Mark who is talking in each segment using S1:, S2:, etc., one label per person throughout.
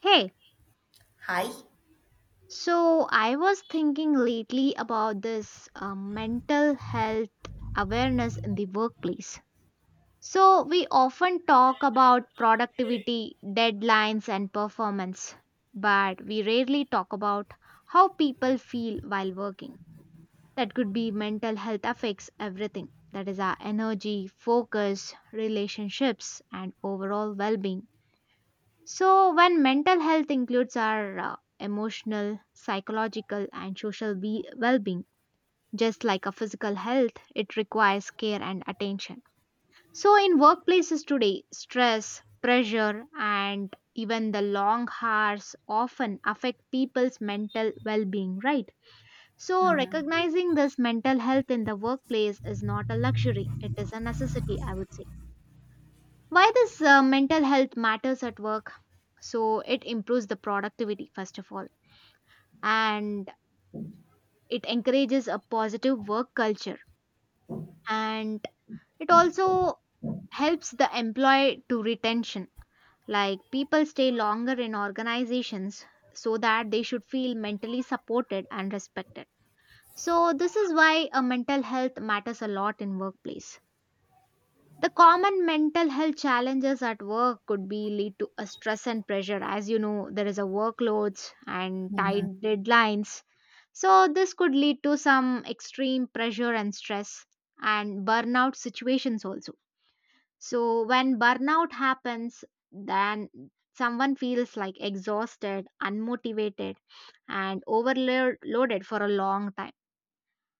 S1: Hey,
S2: Hi.
S1: so I was thinking lately about this mental health awareness in the workplace. So, we often talk about productivity, deadlines, and performance, but we rarely talk about how people feel while working. That could be mental health affects everything that is, our energy, focus, relationships, and overall well being. So, when mental health includes our emotional, psychological, and well being, just like a physical health, it requires care and attention. So, in workplaces today, stress, pressure, and even the long hours often affect people's mental well being, right? So,
S2: Mm-hmm.
S1: recognizing this mental health in the workplace is not a luxury, it is a necessity, I would say. Why this mental health matters at work? So it improves the productivity first of all, and it encourages a positive work culture, and it also helps the employee to retention, like people stay longer in organizations so that they should feel mentally supported and respected. So this is why a mental health matters a lot in workplace. The common mental health challenges at work could be lead to a stress and pressure. As you know, there is a workloads and tight
S2: Mm-hmm.
S1: deadlines. So this could lead to some extreme pressure and stress and burnout situations also. So when burnout happens, then someone feels like exhausted, unmotivated, and overloaded for a long time,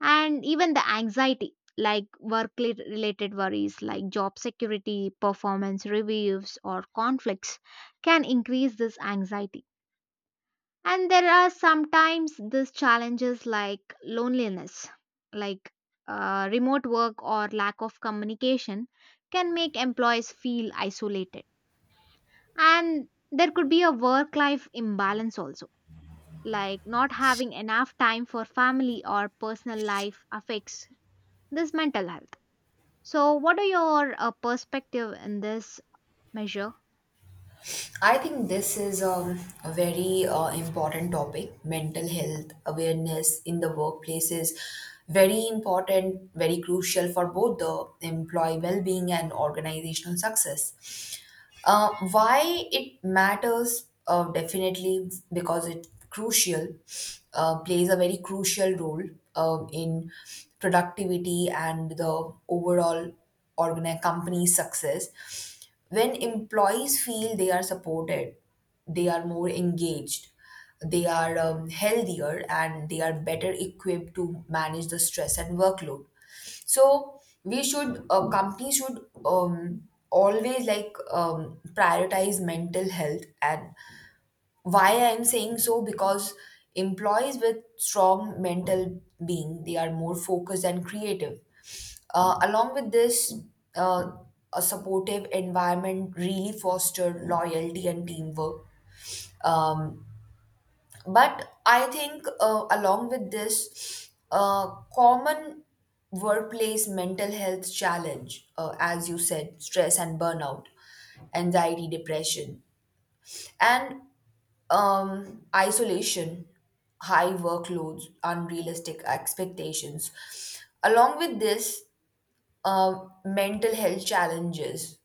S1: and even the anxiety, like related worries like job security, performance reviews, or conflicts can increase this anxiety. And there are sometimes these challenges like loneliness, like remote work or lack of communication can make employees feel isolated. And there could be a work life imbalance also, like not having enough time for family or personal life affects this mental health. So, what are your perspective in this measure?
S2: I think this is a very important topic. Mental health awareness in the workplace is very important, very crucial for both the employee well being and organizational success. Why it matters definitely because it crucial, plays a very crucial role in productivity and the overall company's success. When employees feel they are supported, they are more engaged, they are healthier, and they are better equipped to manage the stress and workload. So we should companies should always prioritize mental health. And why I'm saying so, because employees with strong mental being, they are more focused and creative. Along with this, uh, a supportive environment really foster loyalty and teamwork. um, but I think, along with this, common workplace mental health challenge, as you said, stress and burnout, anxiety, depression, and isolation, high workloads, unrealistic expectations. Along with this, mental health challenges.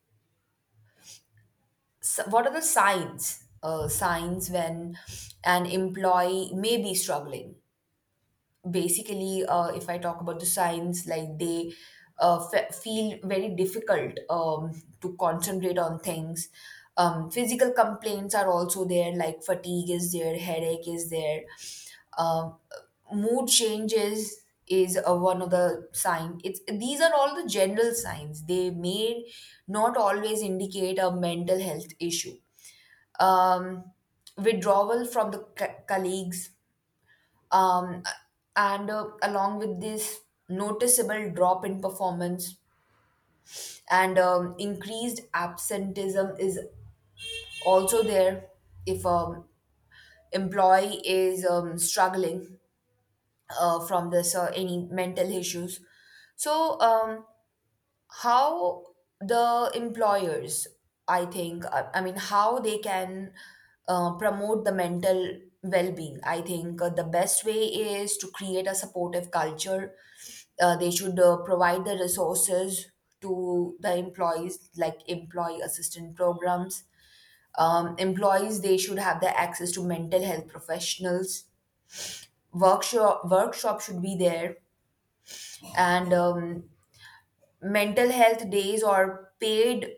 S2: So what are the signs? Signs when an employee may be struggling. Basically if I talk about the signs, like they feel very difficult to concentrate on things. Physical complaints are also there, like fatigue is there, headache is there. um, Mood changes is one of the sign. It's these are all the general signs, they may not always indicate a mental health issue. um, Withdrawal from the colleagues, um, and along with this, noticeable drop in performance, and increased absenteeism is also there, if employee is struggling from this any mental issues. So how the employers, I mean, how they can promote the mental well-being. I think the best way is to create a supportive culture. They should provide the resources to the employees, like employee assistance programs. Employees, they should have the access to mental health professionals. Workshop should be there, and mental health days or paid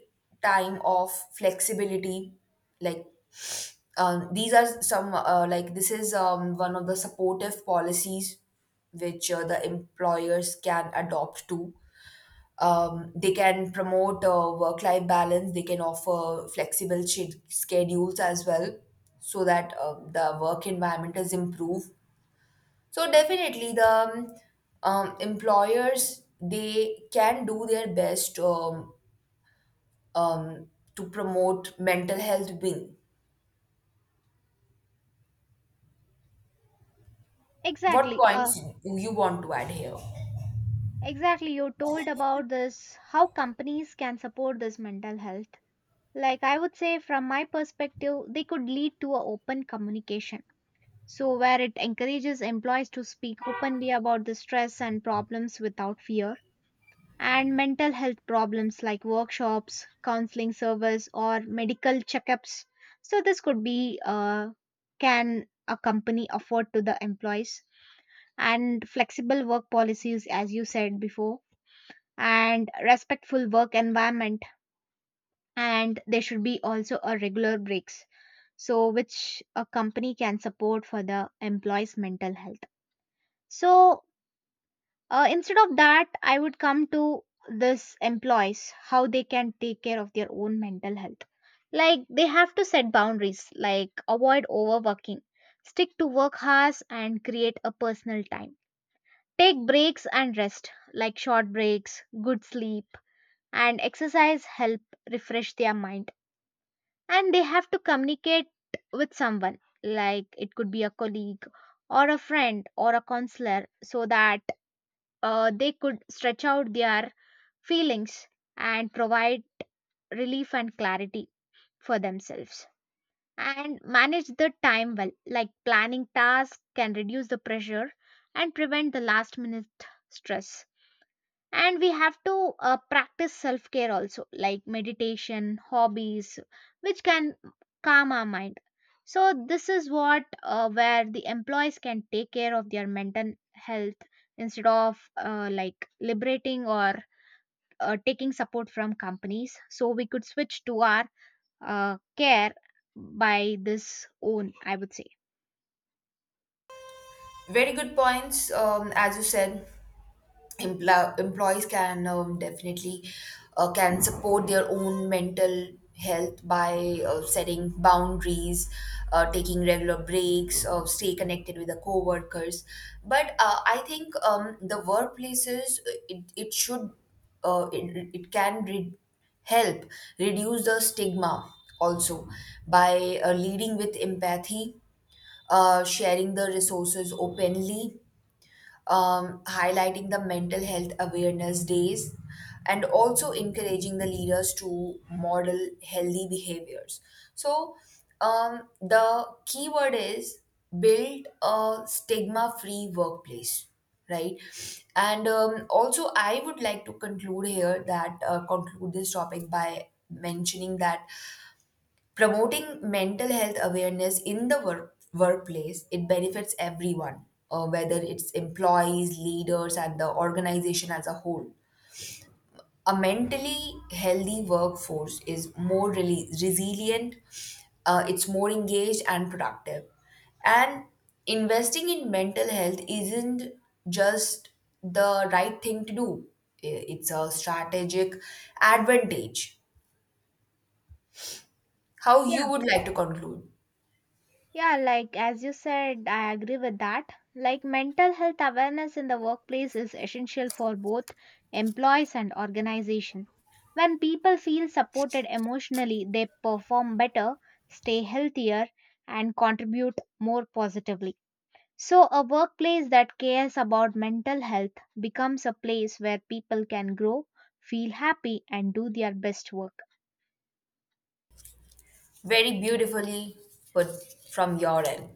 S2: time off flexibility. Like, these are some, like this is one of the supportive policies which the employers can adopt to. They can promote work life balance, they can offer flexible schedules as well, so that the work environment is improved. So definitely the employers, they can do their best, um, to promote mental health wing. What
S1: Exactly. Uh,
S2: points do you want to add here?
S1: exactly. You told about this, how companies can support this mental health. Like, I would say, from my perspective, they could lead to a open communication. So, where it encourages employees to speak openly about the stress and problems without fear. And mental health problems like workshops, counseling service, or medical checkups. So this could be can a company afford to the employees, and flexible work policies, as you said before, and respectful work environment, and there should be also a regular breaks. So which a company can support for the employees' mental health. So instead of that, I would come to this employees how they can take care of their own mental health. Like they have to set boundaries, like avoid overworking, stick to work hours, and create a personal time. Take breaks and rest, like short breaks, good sleep, and exercise help refresh their mind. And they have to communicate with someone, like it could be a colleague or a friend or a counselor, so that they could stretch out their feelings and provide relief and clarity for themselves. And manage the time well, like planning tasks can reduce the pressure and prevent the last minute stress. And we have to practice self care also, like meditation, hobbies, which can calm our mind. So this is what where the employees can take care of their mental health instead of like liberating or taking support from companies, so we could switch to our care by this own, I would say.
S2: Very good points, as you said. Empl- employees can definitely can support their own mental health by setting boundaries, taking regular breaks, stay connected with the co-workers. But I think, the workplaces, it, it should it, it can re- help reduce the stigma also by leading with empathy, sharing the resources openly, highlighting the mental health awareness days, and also encouraging the leaders to model healthy behaviors. So, the key word is build a stigma free workplace, right? And also, I would like to conclude here that, conclude this topic by mentioning that promoting mental health awareness in the workplace, it benefits everyone, whether it's employees, leaders, and the organization as a whole. A mentally healthy workforce is more really resilient, it's more engaged and productive, and investing in mental health isn't just the right thing to do. I- it's a strategic advantage. How you
S1: Yeah,
S2: would like to conclude?
S1: yeah, like as you said, I agree with that. Like mental health awareness in the workplace is essential for both employees and organization. When people feel supported emotionally, they perform better, stay healthier, and contribute more positively. So, a workplace that cares about mental health becomes a place where people can grow, feel happy, and do their best work.
S2: Very beautifully put from your end.